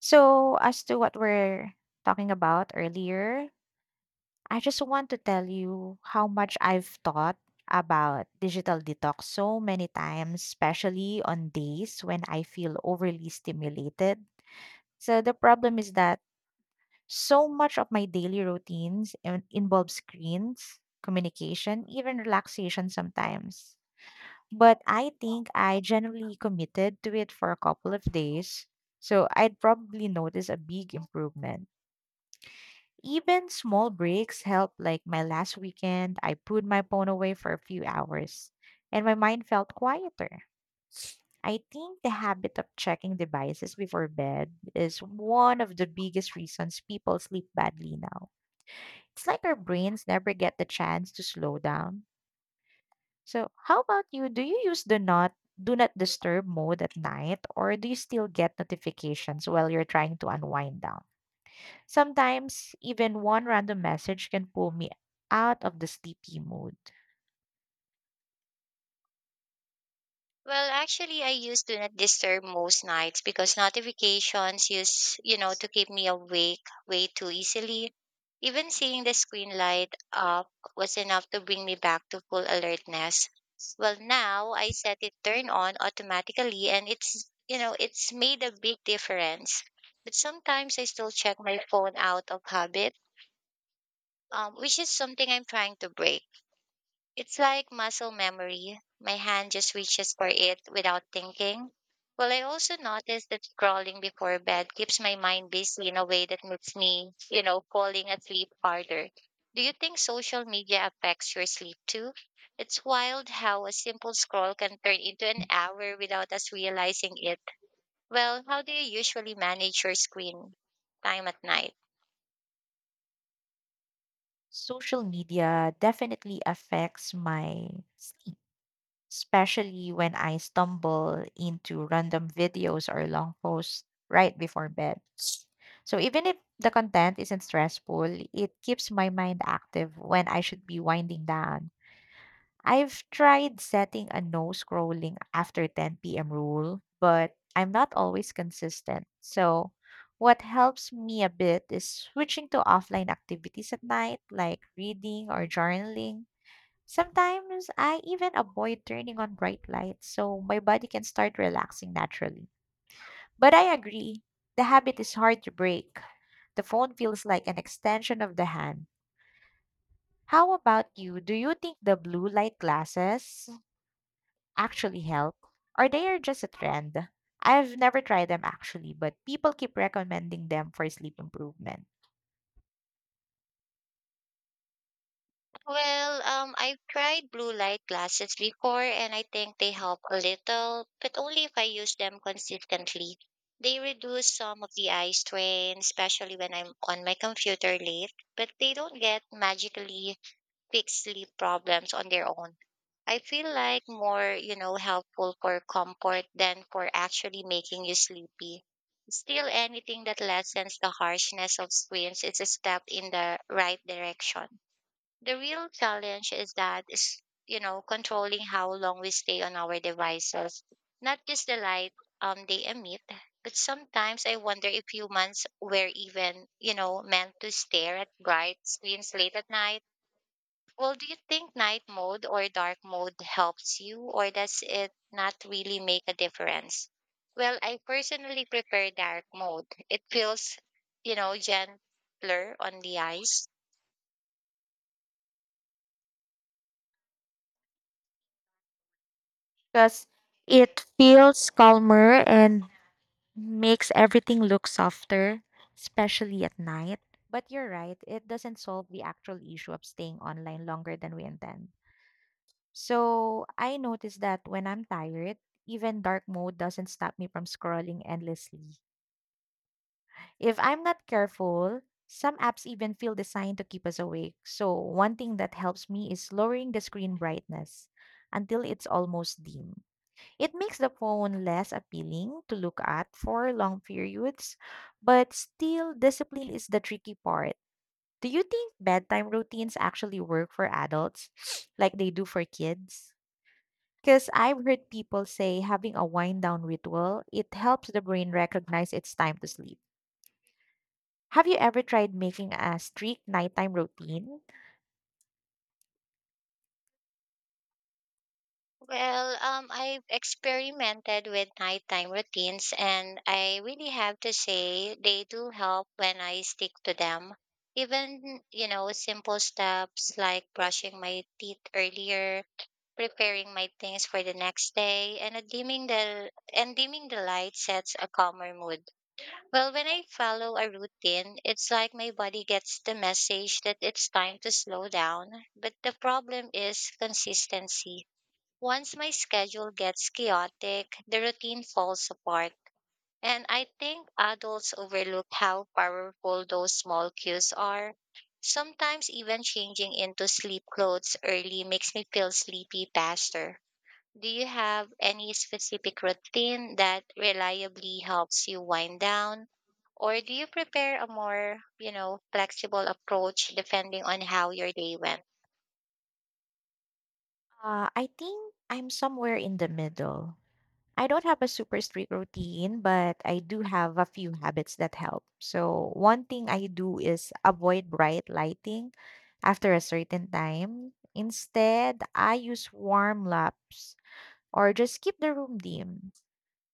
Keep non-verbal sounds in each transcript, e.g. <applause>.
So, as to what we're talking about earlier, I just want to tell you how much I've thought about digital detox so many times, especially on days when I feel overly stimulated. So, the problem is that so much of my daily routines involve screens, communication, even relaxation sometimes. But I think I generally committed to it for a couple of days, so I'd probably notice a big improvement. Even small breaks help, like my last weekend, I put my phone away for a few hours and my mind felt quieter. I think the habit of checking devices before bed is one of the biggest reasons people sleep badly now. It's like our brains never get the chance to slow down. So, how about you? Do you use the not disturb mode at night or do you still get notifications while you're trying to unwind down? Sometimes, even one random message can pull me out of the sleepy mood. Well, actually, I use Do Not Disturb most nights because notifications use, to keep me awake way too easily. Even seeing the screen light up was enough to bring me back to full alertness. Well, now I set it turn on automatically and it's made a big difference. But sometimes I still check my phone out of habit, which is something I'm trying to break. It's like muscle memory. My hand just reaches for it without thinking. Well, I also noticed that scrolling before bed keeps my mind busy in a way that makes me, falling asleep harder. Do you think social media affects your sleep too? It's wild how a simple scroll can turn into an hour without us realizing it. Well, how do you usually manage your screen time at night? Social media definitely affects my sleep, especially when I stumble into random videos or long posts right before bed. So, even if the content isn't stressful, it keeps my mind active when I should be winding down. I've tried setting a no scrolling after 10 p.m. rule, but I'm not always consistent. So, what helps me a bit is switching to offline activities at night, like reading or journaling. Sometimes I even avoid turning on bright lights so my body can start relaxing naturally. But I agree, the habit is hard to break. The phone feels like an extension of the hand. How about you? Do you think the blue light glasses actually help or they are just a trend? I've never tried them actually, but people keep recommending them for sleep improvement Well, I've tried blue light glasses before and I think they help a little, but only if I use them consistently. They reduce some of the eye strain, especially when I'm on my computer late, but they don't get magically fix sleep problems on their own. I feel like more, helpful for comfort than for actually making you sleepy. Still, anything that lessens the harshness of screens is a step in the right direction. The real challenge is controlling how long we stay on our devices, not just the light they emit. But sometimes I wonder if humans were even meant to stare at bright screens late at night. Well, do you think night mode or dark mode helps you, or does it not really make a difference? Well, I personally prefer dark mode. It feels gentler on the eyes. because it feels calmer and makes everything look softer, especially at night. But you're right, it doesn't solve the actual issue of staying online longer than we intend. So I noticed that when I'm tired, even dark mode doesn't stop me from scrolling endlessly. If I'm not careful, some apps even feel designed to keep us awake. So, one thing that helps me is lowering the screen brightness until it's almost dim. It makes the phone less appealing to look at for long periods, but still, discipline is the tricky part. Do you think bedtime routines actually work for adults <sniffs> like they do for kids? Because I've heard people say having a wind down ritual, it helps the brain recognize it's time to sleep. Have you ever tried making a strict nighttime routine? Well, I've experimented with nighttime routines, and I really have to say they do help when I stick to them. Even, simple steps like brushing my teeth earlier, preparing my things for the next day, and a dimming the and dimming the light sets a calmer mood. Well, when I follow a routine, it's like my body gets the message that it's time to slow down. But the problem is consistency. Once my schedule gets chaotic, the routine falls apart. And I think adults overlook how powerful those small cues are. Sometimes even changing into sleep clothes early makes me feel sleepy faster. Do you have any specific routine that reliably helps you wind down? Or do you prepare a more, flexible approach depending on how your day went? I think I'm somewhere in the middle. I don't have a super strict routine, but I do have a few habits that help. So, one thing I do is avoid bright lighting after a certain time. Instead, I use warm lamps or just keep the room dim.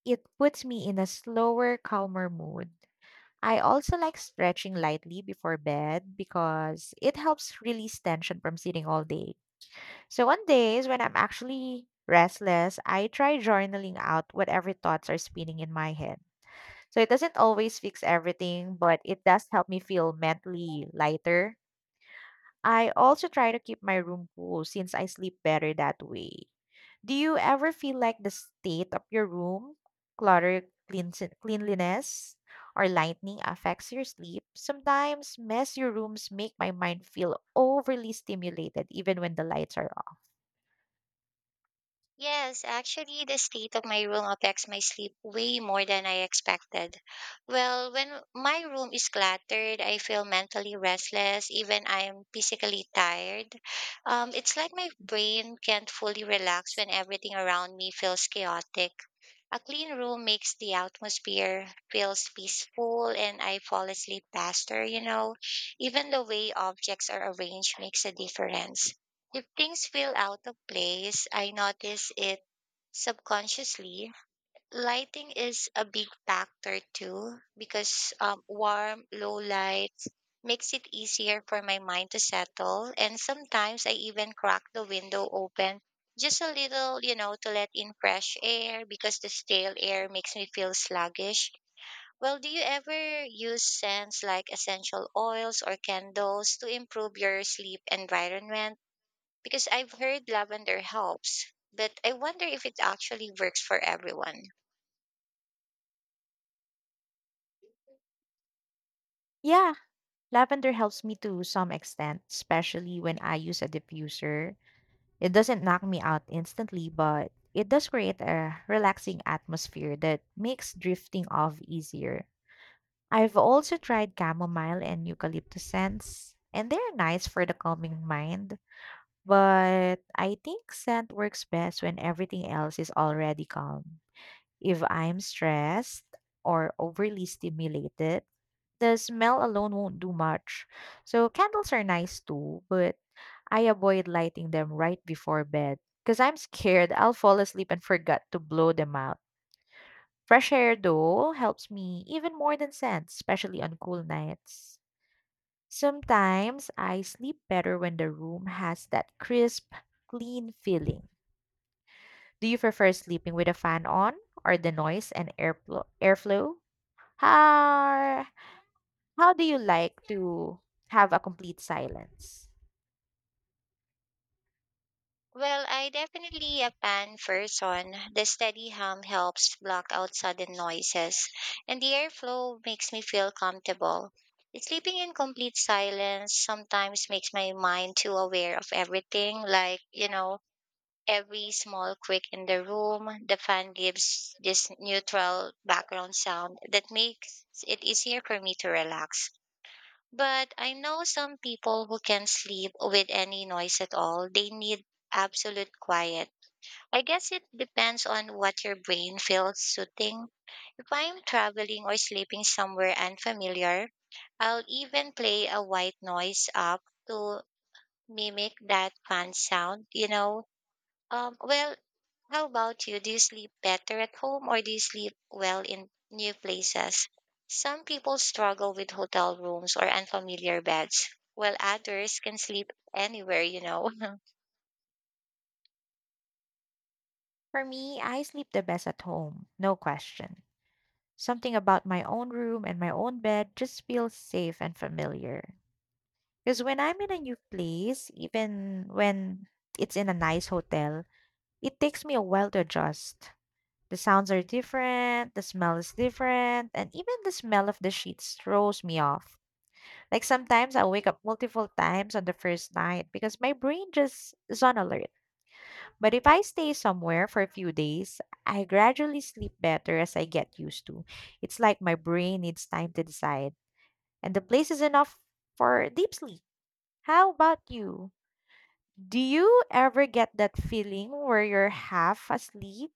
It puts me in a slower, calmer mood. I also like stretching lightly before bed because it helps release tension from sitting all day. So, on days when I'm actually restless, I try journaling out whatever thoughts are spinning in my head. So, it doesn't always fix everything, but it does help me feel mentally lighter. I also try to keep my room cool since I sleep better that way. Do you ever feel like the state of your room, clutter, cleans cleanliness, or lightning affects your sleep? Sometimes messy rooms make my mind feel overly stimulated even when the lights are off. Yes, actually, the state of my room affects my sleep way more than I expected. Well, when my room is cluttered, I feel mentally restless, even I'm physically tired. It's like my brain can't fully relax when everything around me feels chaotic. A clean room makes the atmosphere feels peaceful and I fall asleep faster. Even the way objects are arranged makes a difference. If things feel out of place, I notice it subconsciously. Lighting is a big factor too because warm, low lights makes it easier for my mind to settle. And sometimes I even crack the window open just a little, to let in fresh air because the stale air makes me feel sluggish. Well, do you ever use scents like essential oils or candles to improve your sleep environment? Because I've heard lavender helps, but I wonder if it actually works for everyone. Yeah, lavender helps me to some extent, especially when I use a diffuser. It doesn't knock me out instantly, but it does create a relaxing atmosphere that makes drifting off easier. I've also tried chamomile and eucalyptus scents, and they're nice for the calming mind, but I think scent works best when everything else is already calm. If I'm stressed or overly stimulated, the smell alone won't do much. So candles are nice too, but I avoid lighting them right before bed because I'm scared I'll fall asleep and forget to blow them out. Fresh air, though, helps me even more than scents, especially on cool nights. Sometimes I sleep better when the room has that crisp, clean feeling. Do you prefer sleeping with a fan on or the noise and airflow? How, how do you like to have a complete silence? Well, I definitely a pan first on. The steady hum helps block out sudden noises, and the airflow makes me feel comfortable. Sleeping in complete silence sometimes makes my mind too aware of everything, like, every small creak in the room. The fan gives this neutral background sound that makes it easier for me to relax. But I know some people who can sleep with any noise at all. They need absolute quiet. I guess it depends on what your brain feels suiting. If I'm traveling or sleeping somewhere unfamiliar, I'll even play a white noise app to mimic that fan sound. Well, how about you? Do you sleep better at home or do you sleep well in new places? Some people struggle with hotel rooms or unfamiliar beds, while others can sleep anywhere. <laughs> For me, I sleep the best at home, no question. Something about my own room and my own bed just feels safe and familiar. Because when I'm in a new place, even when it's in a nice hotel, it takes me a while to adjust. The sounds are different, the smell is different, and even the smell of the sheets throws me off. Like sometimes I wake up multiple times on the first night because my brain just is on alert. But if I stay somewhere for a few days, I gradually sleep better as I get used to. It's like my brain needs time to decide, and the place is enough for deep sleep. How about you? Do you ever get that feeling where you're half asleep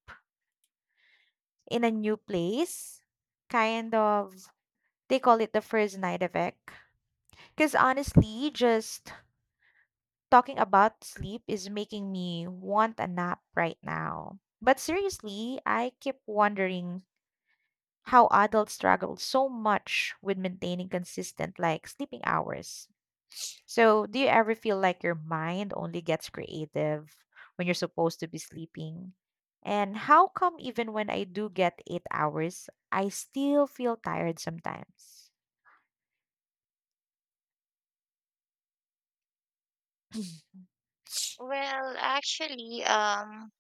in a new place? Kind of. They call it the first night effect. Because honestly, just talking about sleep is making me want a nap right now. But seriously, I keep wondering how adults struggle so much with maintaining consistent, like, sleeping hours. So, do you ever feel like your mind only gets creative when you're supposed to be sleeping? And how come even when I do get 8 hours, I still feel tired sometimes? Well, actually,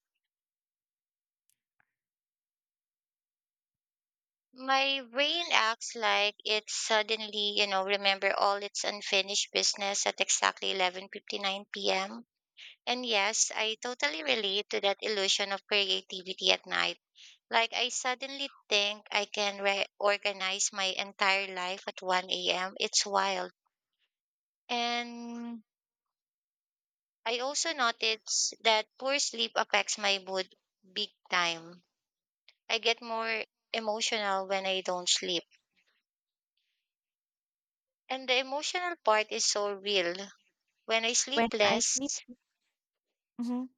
my brain acts like it suddenly, remember all its unfinished business at exactly 11:59 p.m. And yes, I totally relate to that illusion of creativity at night. Like, I suddenly think I can reorganize my entire life at 1 a.m. It's wild. And I also notice that poor sleep affects my mood big time. I get more emotional when I don't sleep. And the emotional part is so real. When I When sleep I sleep, less, mhm.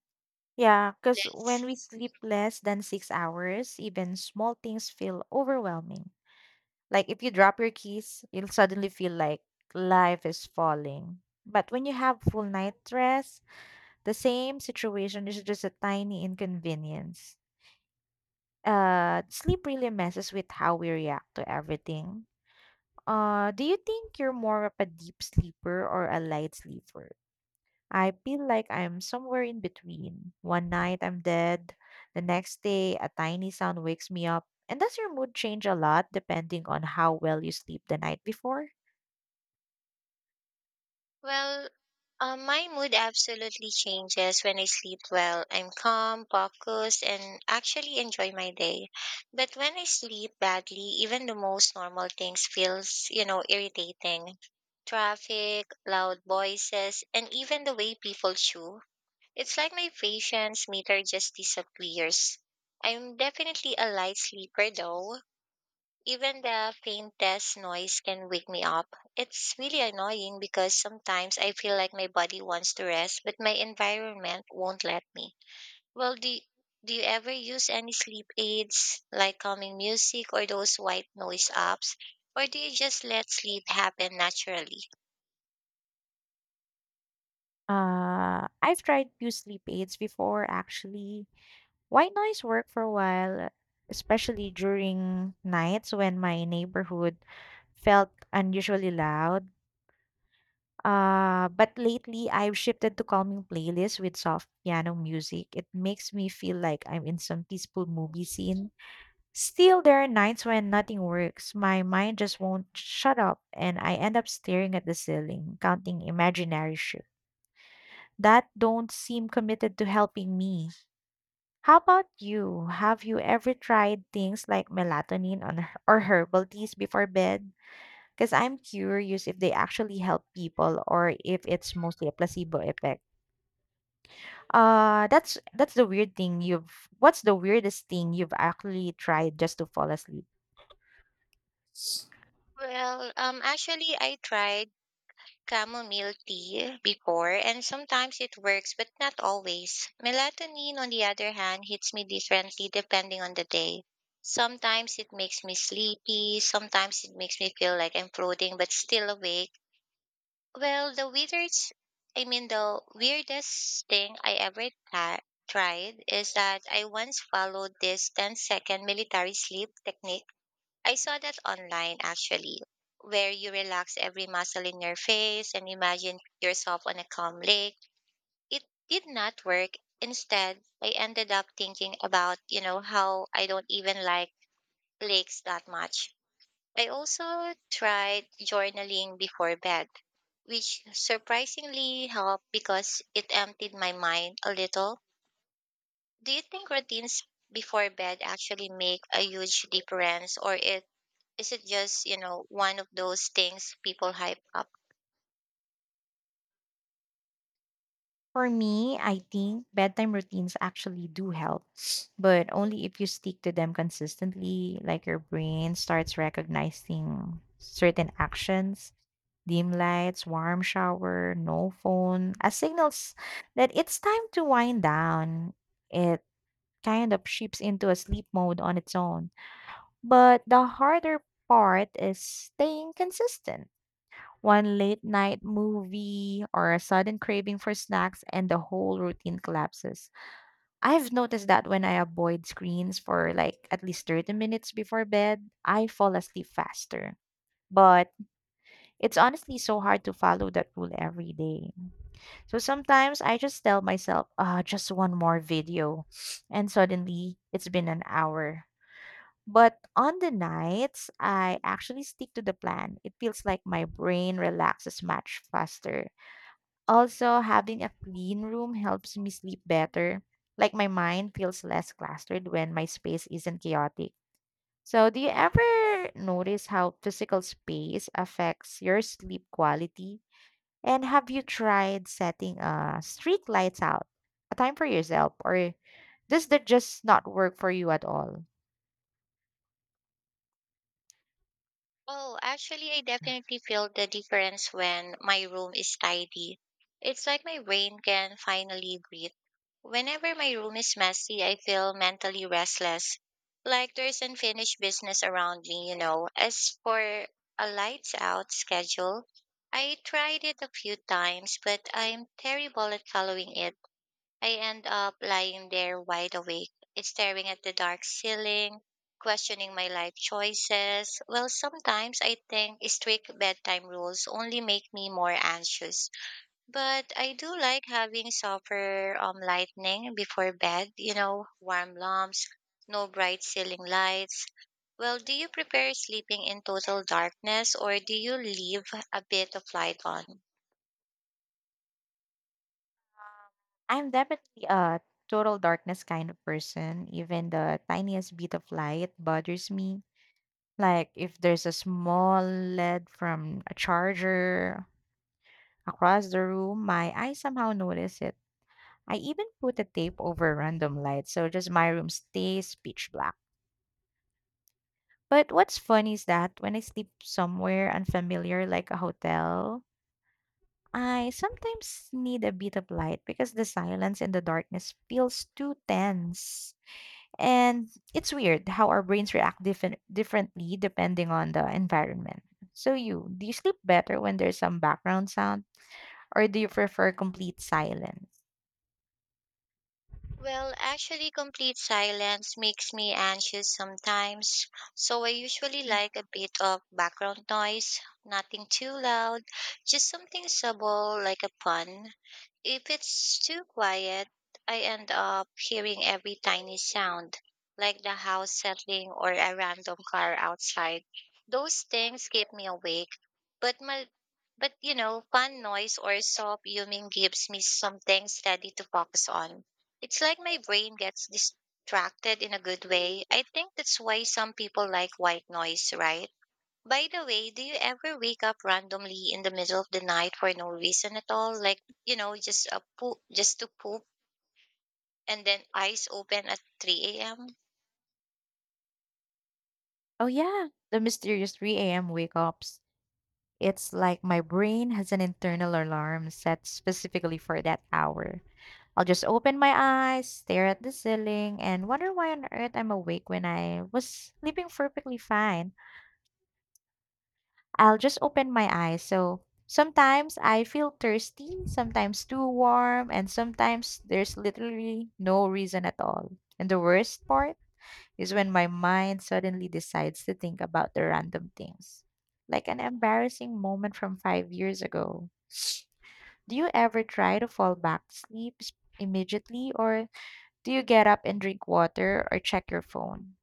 Yeah, because when we sleep less than 6 hours, even small things feel overwhelming. Like if you drop your keys, you'll suddenly feel like life is falling. But when you have full night rest, the same situation is just a tiny inconvenience. Sleep really messes with how we react to everything. Do you think you're more of a deep sleeper or a light sleeper? I feel like I'm somewhere in between. One night I'm dead, the next day a tiny sound wakes me up. And does your mood change a lot depending on how well you sleep the night before? well, my mood absolutely changes when I sleep well. I'm calm, focused, and actually enjoy my day. But when I sleep badly, even the most normal things feels, irritating. Traffic, loud voices, and even the way people chew. It's like my patience meter just disappears. I'm definitely a light sleeper though, even the faintest noise can wake me up. It's really annoying because sometimes I feel like my body wants to rest, but my environment won't let me. Well, do you ever use any sleep aids like calming music or those white noise apps? Or do you just let sleep happen naturally? I've tried few sleep aids before actually. White noise worked for a while, especially during nights when my neighborhood felt unusually loud. But lately, I've shifted to calming playlists with soft piano music. It makes me feel like I'm in some peaceful movie scene. Still, there are nights when nothing works. My mind just won't shut up, and I end up staring at the ceiling, counting imaginary shit that don't seem committed to helping me. How about you? Have you ever tried things like melatonin on, or herbal teas before bed? Because I'm curious if they actually help people or if it's mostly a placebo effect. That's the weird thing you've what's the weirdest thing you've actually tried just to fall asleep? Well, actually, I tried. Chamomile tea before, and sometimes it works, but not always. Melatonin, on the other hand, hits me differently depending on the day. Sometimes it makes me sleepy, sometimes it makes me feel like I'm floating but still awake. Well, I mean, the weirdest thing I ever tried is that I once followed this 10-second military sleep technique I saw that online actually, where you relax every muscle in your face and imagine yourself on a calm lake. It did not work. Instead, I ended up thinking about, how I don't even like lakes that much. I also tried journaling before bed, which surprisingly helped because it emptied my mind a little. Do you think routines before bed actually make a huge difference or it is it just, one of those things people hype up? For me, I think bedtime routines actually do help, <sniffs> but only if you stick to them consistently, like your brain starts recognizing certain actions, dim lights, warm shower, no phone, as signals that it's time to wind down. eh, Kind of shifts into a sleep mode on its own. But the harder part is staying consistent. One late night movie or a sudden craving for snacks, and the whole routine collapses. I've noticed that when I avoid screens for like at least 30 minutes before bed, I fall asleep faster. But it's honestly so hard to follow that rule every day. So sometimes I just tell myself, ah, just one more video. <sniffs> And suddenly it's been an hour. But on the nights, I actually stick to the plan. It feels like my brain relaxes much faster. Also, having a clean room helps me sleep better. Like my mind feels less clustered when my space isn't chaotic. So, do you ever notice how physical space affects your sleep quality? And have you tried setting a strict lights out, a time for yourself, or does that just not work for you at all? Oh, actually, I definitely feel the difference when my room is tidy. It's like my brain can finally breathe. Whenever my room is messy, I feel mentally restless, like there's unfinished business around me. As for a lights out schedule, I tried it a few times, but I'm terrible at following it. I end up lying there wide awake, staring at the dark ceiling, questioning my life choices. Well, sometimes I think strict bedtime rules only make me more anxious. But I do like having softer lightning before bed, warm lamps, no bright ceiling lights. Well, do you prepare sleeping in total darkness or do you leave a bit of light on? I'm definitely a total darkness kind of person. Even the tiniest bit of light bothers me. Like if there's a small LED from a charger across the room, my eyes somehow notice it. I even put a tape over random lights, so just my room stays pitch black. But what's funny is that when I sleep somewhere unfamiliar like a hotel, I sometimes need a bit of light because the silence and the darkness feels too tense. And it's weird how our brains react differently depending on the environment. So you, do you sleep better when there's some background sound or do you prefer complete silence? Well, actually, complete silence makes me anxious sometimes, so I usually like a bit of background noise, nothing too loud, just something subtle like a pun. If it's too quiet, I end up hearing every tiny sound, like the house settling or a random car outside. Those things keep me awake, but my but fun noise or soft humming gives me something steady to focus on. It's like my brain gets distracted in a good way. I think that's why some people like white noise, right? By the way, do you ever wake up randomly in the middle of the night for no reason at all? Like, just to poop and then eyes open at 3 a.m.? Oh yeah, the mysterious 3 a.m. wake ups. It's like my brain has an internal alarm set specifically for that hour. I'll just open my eyes, stare at the ceiling, and wonder why on earth I'm awake when I was sleeping perfectly fine. I'll just open my eyes. So sometimes I feel thirsty, sometimes too warm, and sometimes there's literally no reason at all. And the worst part is when my mind suddenly decides to think about the random things, like an embarrassing moment from 5 years ago. Do you ever try to fall back to sleep immediately, or do you get up and drink water or check your phone?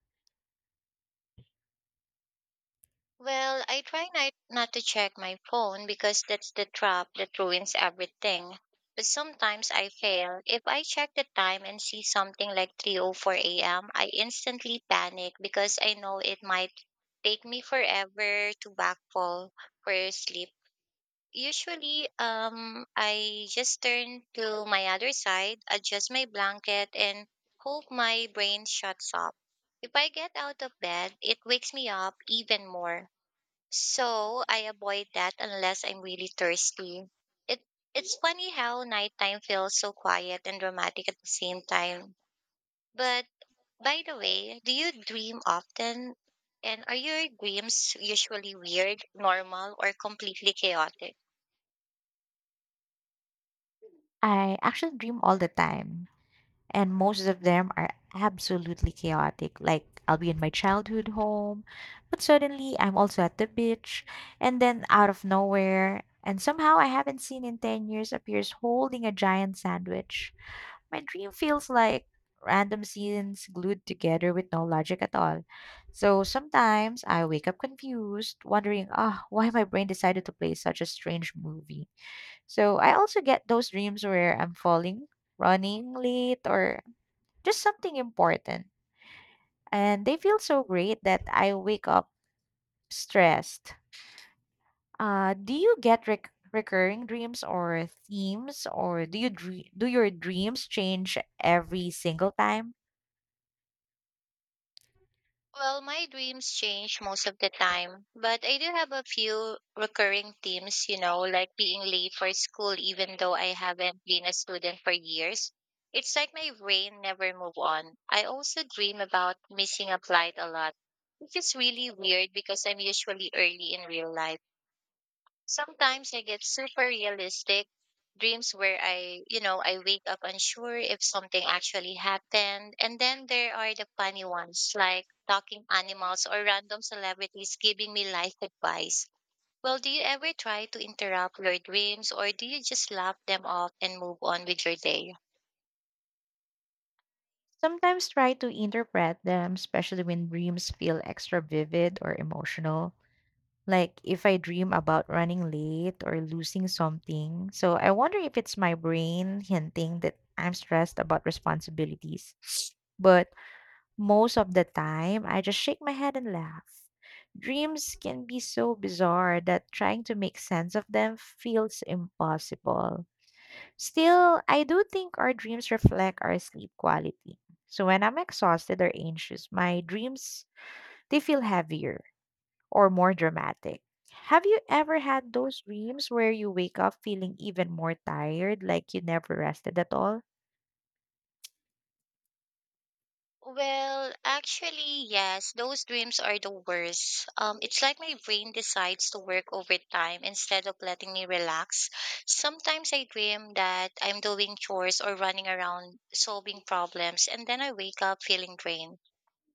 Well, I try not to check my phone because that's the trap that ruins everything. But sometimes I fail. If I check the time and see something like 3:04 a.m., I instantly panic because I know it might take me forever to backfall for sleep. Usually, I just turn to my other side, adjust my blanket, and hope my brain shuts up. If I get out of bed, it wakes me up even more so I avoid that unless I'm really thirsty. It it's funny how nighttime feels so quiet and dramatic at the same time. But by the way, do you dream often? And are your dreams usually weird, normal, or completely chaotic? I actually dream all the time, and most of them are absolutely chaotic. Like I'll be in my childhood home, but suddenly I'm also at the beach, and then out of nowhere, and somehow I haven't seen in 10 years, appears holding a giant sandwich. My dream feels like random scenes glued together with no logic at all. So sometimes I wake up confused, wondering, ah, why my brain decided to play such a strange movie. So I also get those dreams where I'm falling running late or just something important. And they feel so great that I wake up stressed. Do you get recurring dreams or themes, or do you do your dreams change every single time? Well, my dreams change most of the time, but I do have a few recurring themes, like being late for school, even though I haven't been a student for years. It's like my brain never move on. I also dream about missing a flight a lot, which is really weird because I'm usually early in real life. Sometimes I get super realistic dreams where I wake up unsure if something actually happened. And then there are the funny ones like talking animals or random celebrities giving me life advice. Well, do you ever try to interrupt your dreams or do you just laugh them off and move on with your day? Sometimes try to interpret them, especially when dreams feel extra vivid or emotional. Like if I dream about running late or losing something. So I wonder if it's my brain hinting that I'm stressed about responsibilities. <sniffs> But most of the time, I just shake my head and laugh. Dreams can be so bizarre that trying to make sense of them feels impossible. Still, I do think our dreams reflect our sleep quality. So when I'm exhausted or anxious, my dreams they feel heavier or more dramatic. Have you ever had those dreams where you wake up feeling even more tired, like you never rested at all? Well, actually, yes, those dreams are the worst. It's like my brain decides to work overtime instead of letting me relax. Sometimes I dream that I'm doing chores or running around solving problems, and then I wake up feeling drained.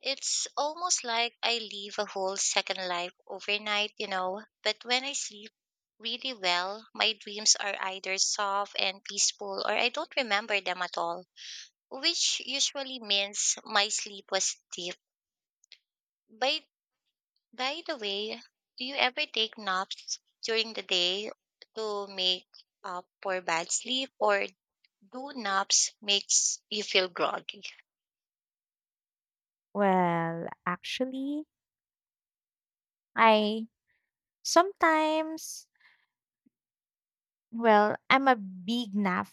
It's almost like I live a whole second life overnight. But when I sleep really well, my dreams are either soft and peaceful, or I don't remember them at all, which usually means my sleep was deep. By by the way, do you ever take naps during the day to make up for bad sleep or do naps makes you feel groggy? Well, actually, I sometimes well, I'm a big nap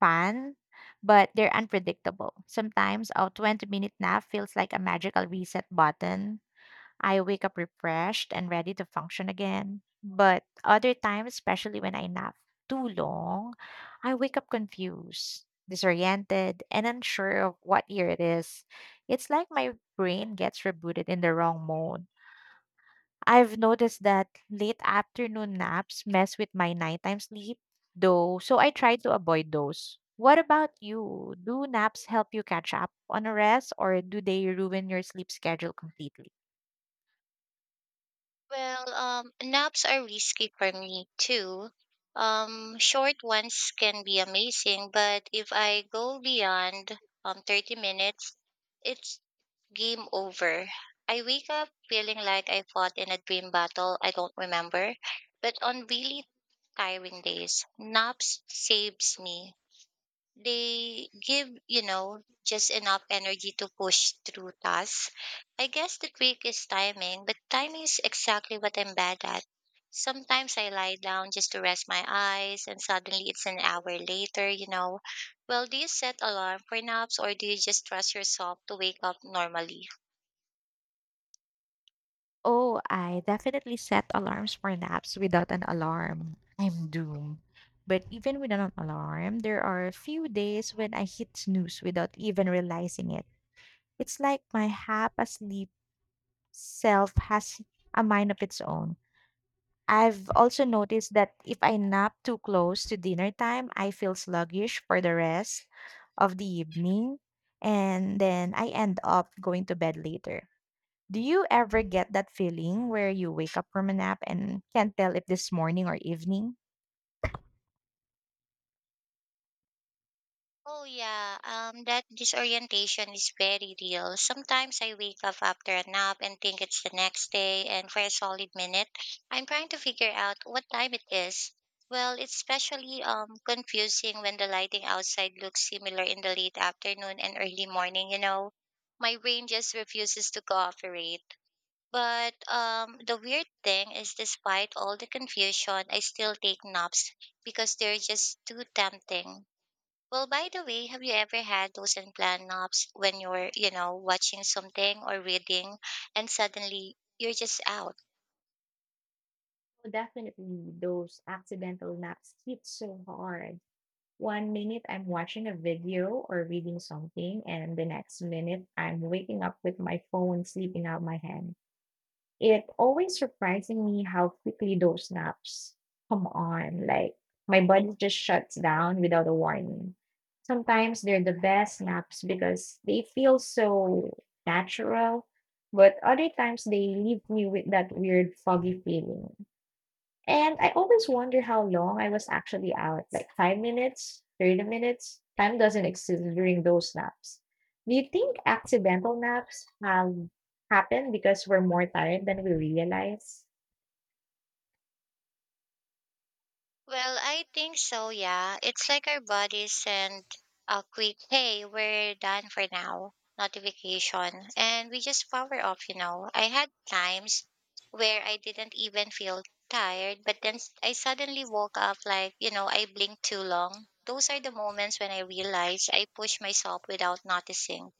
fan, but they're unpredictable. Sometimes a 20-minute nap feels like a magical reset button. I wake up refreshed and ready to function again. But other times, especially when I nap too long, I wake up confused, disoriented, and unsure of what year it is. It's like my brain gets rebooted in the wrong mode. I've noticed that late afternoon naps mess with my nighttime sleep, though, so I try to avoid those. What about you? Do naps help you catch up on a rest, or do they ruin your sleep schedule completely? Well, naps are risky for me too. Short ones can be amazing, but if I go beyond 30 minutes, it. Game over. I wake up feeling like I fought in a dream battle I don't remember, but on really tiring days, naps saves me. They give, just enough energy to push through tasks. I guess the trick is timing, but timing is exactly what I'm bad at. Sometimes I lie down just to rest my eyes, and suddenly it's an hour later. Well, do you set alarm for naps, or do you just trust yourself to wake up normally? Oh, I definitely set alarms for naps. Without an alarm, I'm doomed. But even without an alarm, there are a few days when I hit snooze without even realizing it. It's like my half asleep self has a mind of its own. I've also noticed that if I nap too close to dinner time, I feel sluggish for the rest of the evening, and then I end up going to bed later. Do you ever get that feeling where you wake up from a nap and can't tell if this morning or evening? Oh yeah, that disorientation is very real. Sometimes I wake up after a nap and think it's the next day, and for a solid minute, I'm trying to figure out what time it is. Well, it's especially confusing when the lighting outside looks similar in the late afternoon and early morning. My brain just refuses to cooperate. But the weird thing is despite all the confusion, I still take naps because they're just too tempting. Well, by the way, have you ever had those unplanned naps when you're, watching something or reading and suddenly you're just out? Oh, definitely those accidental naps hit so hard. 1 minute I'm watching a video or reading something, and the next minute I'm waking up with my phone slipping out my hand. It always surprising me how quickly those naps come on. Like my body just shuts down without a warning. Sometimes they're the best naps because they feel so natural, but other times they leave me with that weird foggy feeling. And I always wonder how long I was actually out, like 5 minutes, 30 minutes. Time doesn't exist during those naps. Do you think accidental naps have happen because we're more tired than we realize? Well, I think so, yeah. It's like our bodies send a quick, hey, we're done for now notification. And we just power off. I had times where I didn't even feel tired, but then I suddenly woke up like, I blinked too long. Those are the moments when I realize I push myself without noticing.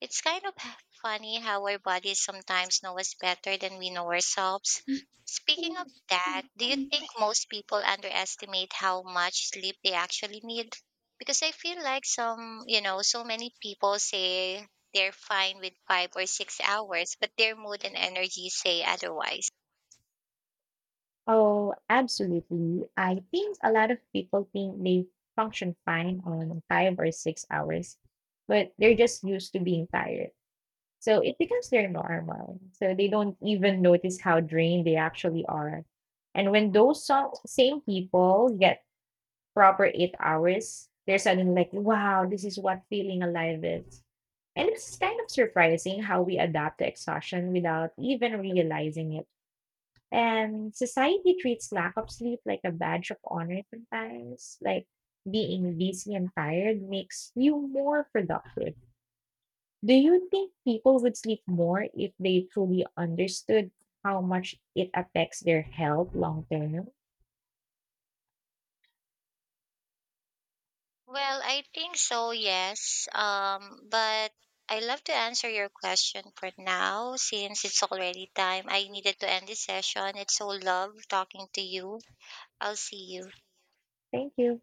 It's kind of funny how our bodies sometimes know us better than we know ourselves. Speaking of that, do you think most people underestimate how much sleep they actually need? Because I feel like so many people say they're fine with 5 or 6 hours, but their mood and energy say otherwise. Oh, absolutely. I think a lot of people think they function fine on 5 or 6 hours, but they're just used to being tired. So it becomes their normal. So they don't even notice how drained they actually are. And when those same people get proper 8 hours, they're suddenly like, wow, this is what feeling alive is. And it's kind of surprising how we adapt to exhaustion without even realizing it. And society treats lack of sleep like a badge of honor sometimes. Like being busy and tired makes you more productive. Do you think people would sleep more if they truly understood how much it affects their health long term? Well, I think so, yes. But I love to answer your question for now since it's already time. I needed to end this session. It's so love talking to you. I'll see you. Thank you.